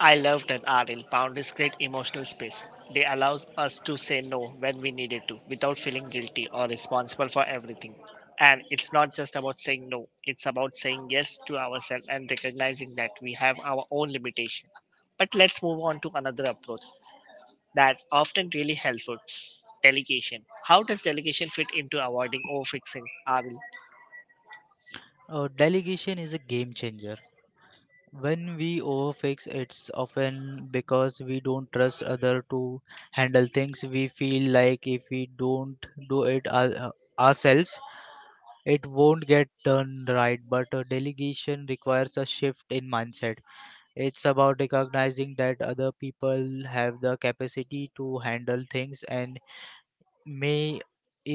A: I love that art found this great emotional space. They allows us to say no when we needed to without feeling guilty or responsible for everything. And it's not just about saying no, it's about saying yes to ourselves and recognizing that we have our own limitation. But let's move on to another approach that's often really helpful delegation. How does delegation fit into avoiding overfixing, Aril?
B: Uh, delegation is a game changer. When we overfix, it's often because we don't trust other to handle things. We feel like if we don't do it our, ourselves it won't get done right, but a delegation requires a shift in mindset. It's about recognizing that other people have the capacity to handle things and may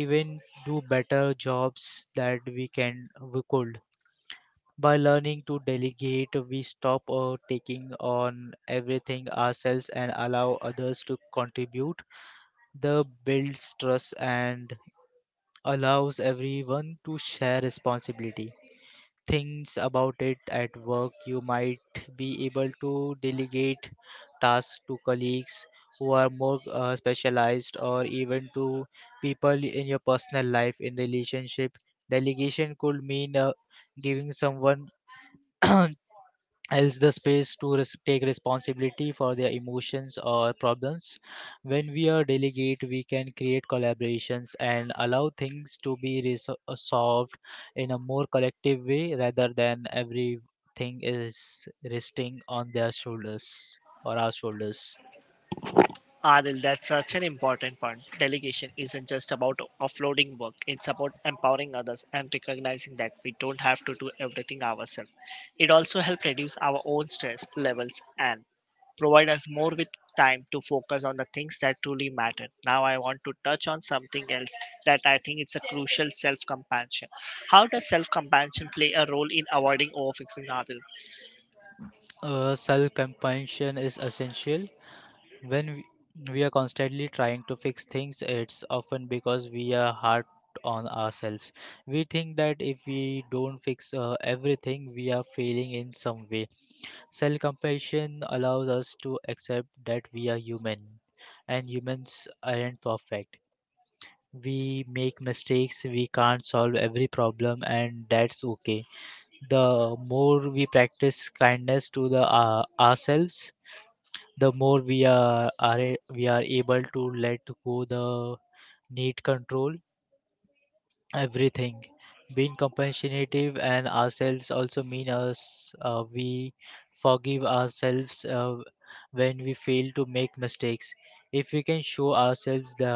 B: even do better jobs that we can we could. By learning to delegate, we stop uh, taking on everything ourselves and allow others to contribute. The builds trust and allows everyone to share responsibility. Things about it at work. You might be able to delegate tasks to colleagues who are more uh, specialized, or even to people in your personal life in relationship. Delegation could mean uh, giving someone else the space to res- take responsibility for their emotions or problems. When we are delegate, we can create collaborations and allow things to be res- uh, solved in a more collective way rather than everything is resting on their shoulders or our shoulders.
A: Adil, that's such an important point. Delegation isn't just about offloading work, it's about empowering others and recognizing that we don't have to do everything ourselves. It also helps reduce our own stress levels and provide us more with time to focus on the things that truly matter. Now I want to touch on something else that I think is a crucial self-compassion. How does self-compassion play a role in avoiding overfixing, Adil?
B: Uh, self compassion is essential. When we we are constantly trying to fix things, it's often because we are hard on ourselves. We think that if we don't fix uh, everything, we are failing in some way. Self compassion allows us to accept that we are human, and humans aren't perfect. We make mistakes, we can't solve every problem, and that's okay. The more we practice kindness to the uh, ourselves, the more we are, are a- we are able to let go the need control everything. Being compassionate and ourselves also mean us uh, we forgive ourselves uh, when we fail to make mistakes. If we can show ourselves the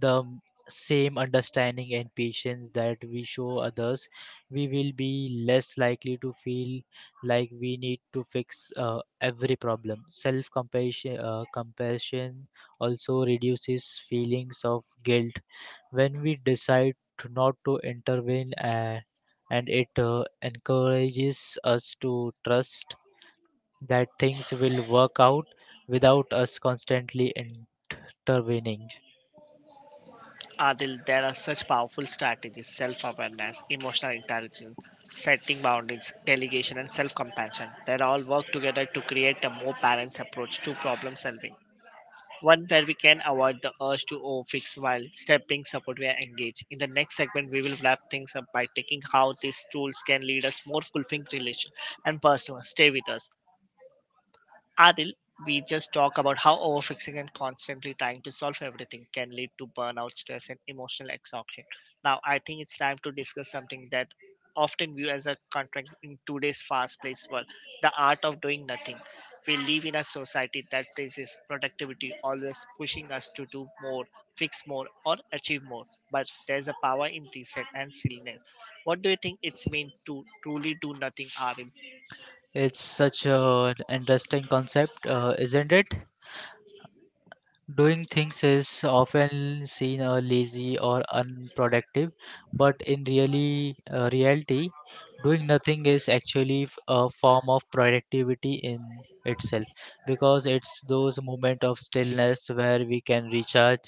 B: the m- same understanding and patience that we show others, we will be less likely to feel like we need to fix uh, every problem. Self compassion uh, compassion also reduces feelings of guilt when we decide to not to intervene, uh, and it uh, encourages us to trust that things will work out without us constantly intervening.
A: Adil, there are such powerful strategies self awareness, emotional intelligence, setting boundaries, delegation, and self compassion that all work together to create a more balanced approach to problem solving. One where we can avoid the urge to overfix while stepping support we are engaged. In the next segment, we will wrap things up by taking how these tools can lead us more fulfilling relation and personal. Stay with us. Adil, we just talk about how overfixing and constantly trying to solve everything can lead to burnout, stress, and emotional exhaustion. Now, I think it's time to discuss something that often viewed as a contract in today's fast-paced world: the art of doing nothing. We live in a society that praises productivity, always pushing us to do more, fix more, or achieve more. But there's a power in reset and stillness. What do you think it's mean to truly do nothing, Avil?
B: It's such a- an interesting concept, uh, isn't it? Doing things is often seen as lazy or unproductive, but in really uh, reality, doing nothing is actually f- a form of productivity in itself, because it's those moments of stillness where we can recharge,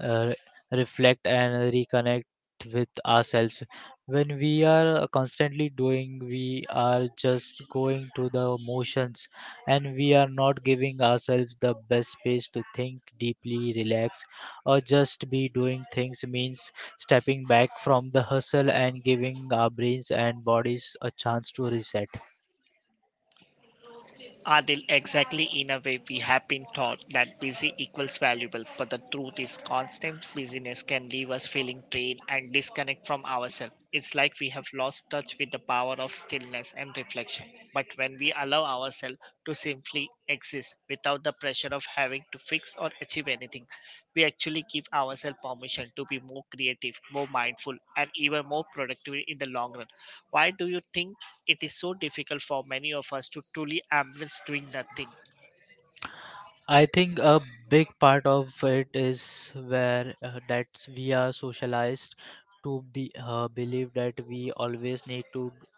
B: uh, reflect, and reconnect with ourselves. When we are constantly doing, we are just going to the motions, and we are not giving ourselves the best space to think deeply, relax, or just be. Doing things means stepping back from the hustle and giving our brains and bodies a chance to reset.
A: Adil, exactly in a way we have been taught that busy equals valuable, but the truth is constant busyness can leave us feeling drained and disconnect from ourselves. It's like we have lost touch with the power of stillness and reflection. But when we allow ourselves to simmer simply exist without the pressure of having to fix or achieve anything. We actually give ourselves permission to be more creative, more mindful, and even more productive in the long run. Why do you think it is so difficult for many of us to truly embrace doing nothing?
B: I think a big part of it is where uh, that we are socialized to be uh, believe that we always need to d-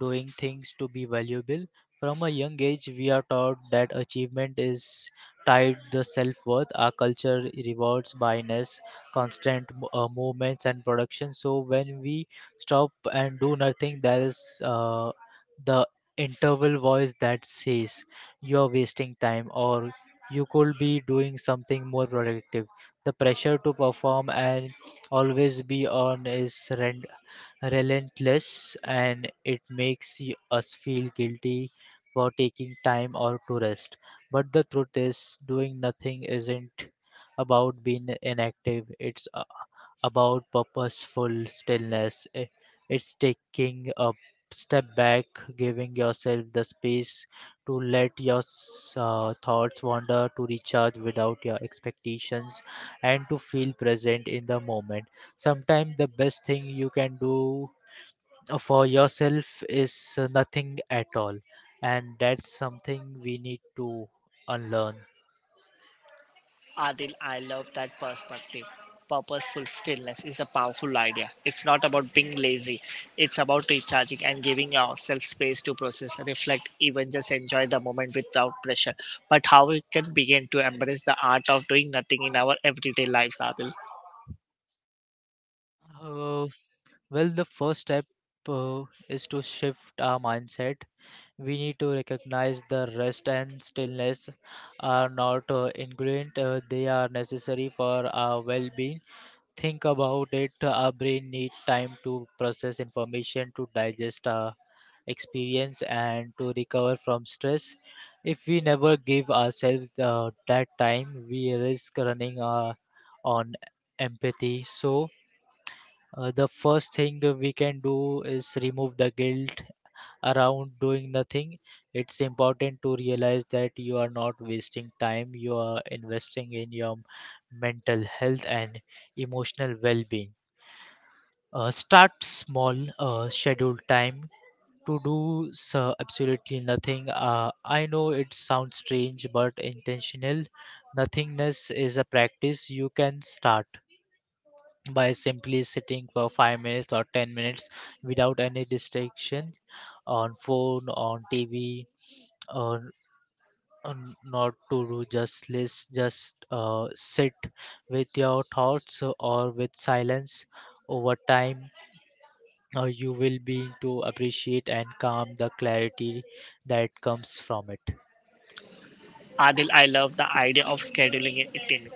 B: doing things to be valuable. From a young age, we are taught that achievement is tied the self worth. Our culture rewards bias, constant mo- uh, movements, and production. So when we stop and do nothing, there is uh, the interval voice that says you are wasting time or you could be doing something more productive. The pressure to perform and always be on is rent relentless, and it makes y- us feel guilty for taking time or to rest. But the truth is, doing nothing isn't about being inactive, it's uh, about purposeful stillness. I- It's taking a step back, giving yourself the space to let your s- uh, thoughts wander, to recharge without your expectations, and to feel present in the moment. Sometimes the best thing you can do uh, for yourself is uh, nothing at all, and that's something we need to unlearn.
A: Adil, I love that perspective. Purposeful stillness is a powerful idea. It's not about being lazy, it's about recharging and giving ourselves space to process, reflect, even just enjoy the moment without pressure. But how we can begin to embrace the art of doing nothing in our everyday lives, Adil?
B: Uh, well, the first step uh, is to shift our mindset. We need to recognize the rest and stillness are not uh, ingredient; uh, they are necessary for our well-being. Think about it. Our brain needs time to process information, to digest. Uh, experience and to recover from stress. If we never give ourselves uh, that time, we risk running uh, on empathy. So, uh, the first thing we can do is remove the guilt around doing nothing. It's important to realize that you are not wasting time, you are investing in your mental health and emotional well being. Uh, start small, uh, schedule time to do so absolutely nothing. Uh, I know it sounds strange, but intentional nothingness is a practice you can start by simply sitting for five minutes or ten minutes without any distraction on phone, on tv, or on not to do just list. Just uh, sit with your thoughts or with silence. Over time, uh, you will be to appreciate and calm the clarity that comes from it.
A: Adil, I love the idea of scheduling it in.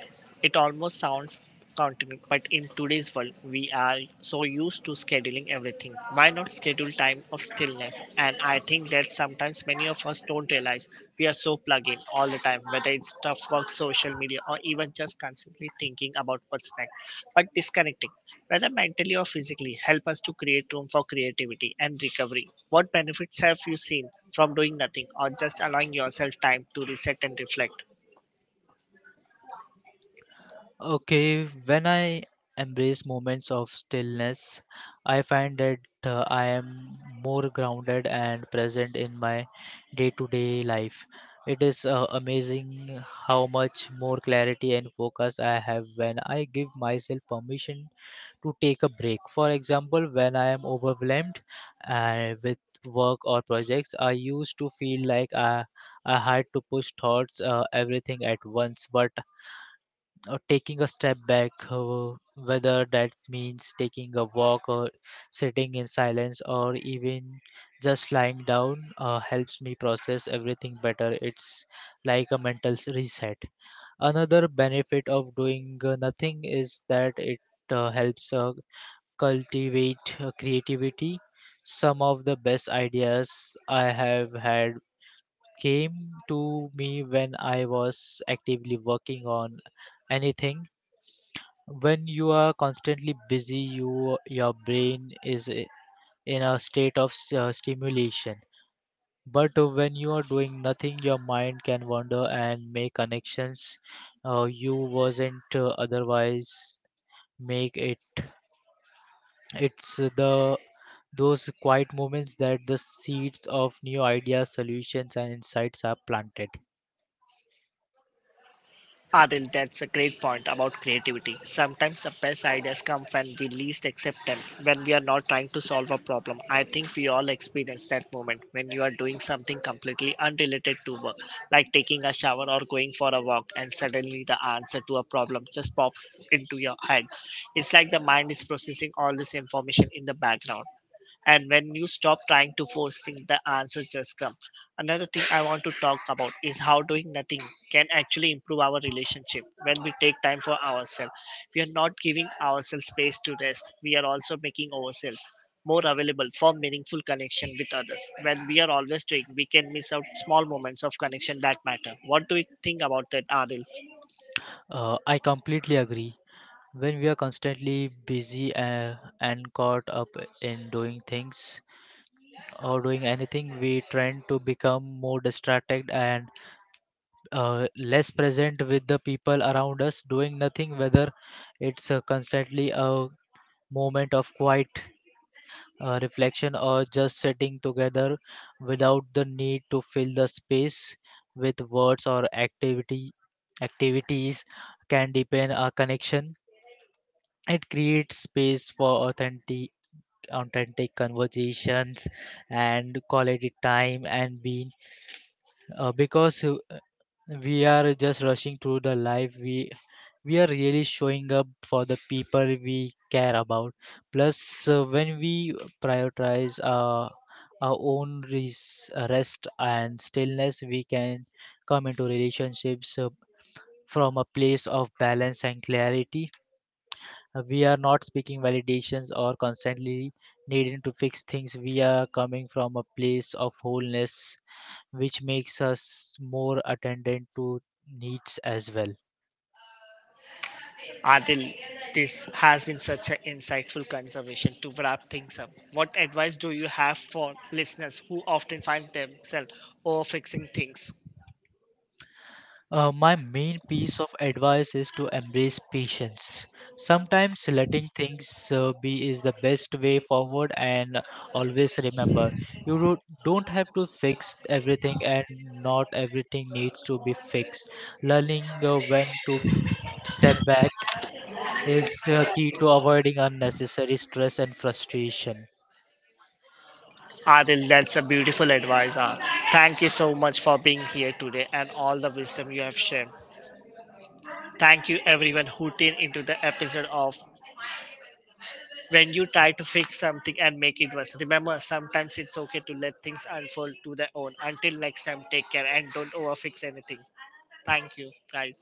A: It almost sounds counterintuitive, but in today's world, we are so used to scheduling everything. Why not schedule time of stillness? And I think that sometimes many of us don't realize we are so plugged in all the time time, whether it's tough work, social media, or even just constantly thinking about what's next, but disconnecting, whether mentally or physically, help us to create room for creativity and recovery. What benefits have you seen from doing nothing or just allowing yourself time to reset and reflect?
B: Okay, when I embrace moments of stillness, I find that uh, I am more grounded and present in my day to day life. It is uh, amazing how much more clarity and focus I have when I give myself permission to take a break. For example, when I am overwhelmed uh, with work or projects, I used to feel like I, I had to push thoughts, uh, everything at once. But uh, taking a step back, uh, whether that means taking a walk or sitting in silence or even just lying down, uh, helps me process everything better. It's like a mental s- reset. Another benefit of doing uh, nothing is that it uh, helps uh, cultivate uh, creativity. Some of the best ideas I have had came to me when I was actively working on anything. When you are constantly busy, you your brain is i- in a state of s- uh, stimulation. But uh, when you are doing nothing, your mind can wander and make connections uh, you wasn't uh, otherwise make it. It's uh, the those quiet moments that the seeds of new ideas, solutions and insights are planted.
A: Adil, that's a great point about creativity. Sometimes the best ideas come when we least accept them, when we are not trying to solve a problem. I think we all experience that moment when you are doing something completely unrelated to work, like taking a shower or going for a walk, and suddenly the answer to a problem just pops into your head. It's like the mind is processing all this information in the background and when you stop trying to force things the answers just come. Another thing I want to talk about is how doing nothing can actually improve our relationship. When we take time for ourselves, we are not giving ourselves space to rest, we are also making ourselves more available for meaningful connection with others. When we are always doing we can miss out small moments of connection that matter. What do you think about that, Adil?
B: Uh, i completely agree. When we are constantly busy, uh, and caught up in doing things or doing anything, we tend to become more distracted and uh, less present with the people around us. Doing nothing, whether it's uh, constantly a moment of quiet uh, reflection, or just sitting together without the need to fill the space with words or activity activities, can deepen a connection. It creates space for authentic authentic conversations and quality time and being, uh, because uh, we are just rushing through the life, we we are really showing up for the people we care about. Plus, uh, when we prioritize uh, our own res- rest and stillness, we can come into relationships uh, from a place of balance and clarity. Uh, we are not speaking validations or constantly needing to fix things. We are coming from a place of wholeness, which makes us more attendant to needs as well.
A: Adil, this has been such an insightful conversation to wrap things up. What advice do you have for listeners who often find themselves over fixing things?
B: Uh, my main piece of advice is to embrace patience. Sometimes letting things uh, be is the best way forward, and always remember you do- don't have to fix everything, and not everything needs to be fixed. Learning uh, when to step back is uh, key to avoiding unnecessary stress and frustration.
A: Adil, that's a beautiful advice. Ah. Thank you so much for being here today and all the wisdom you have shared. Thank you everyone who tuned into the episode of When You Try to Fix Something and Make It Worse. Remember, sometimes it's okay to let things unfold to their own. Until next time, take care and don't overfix anything. Thank you, guys.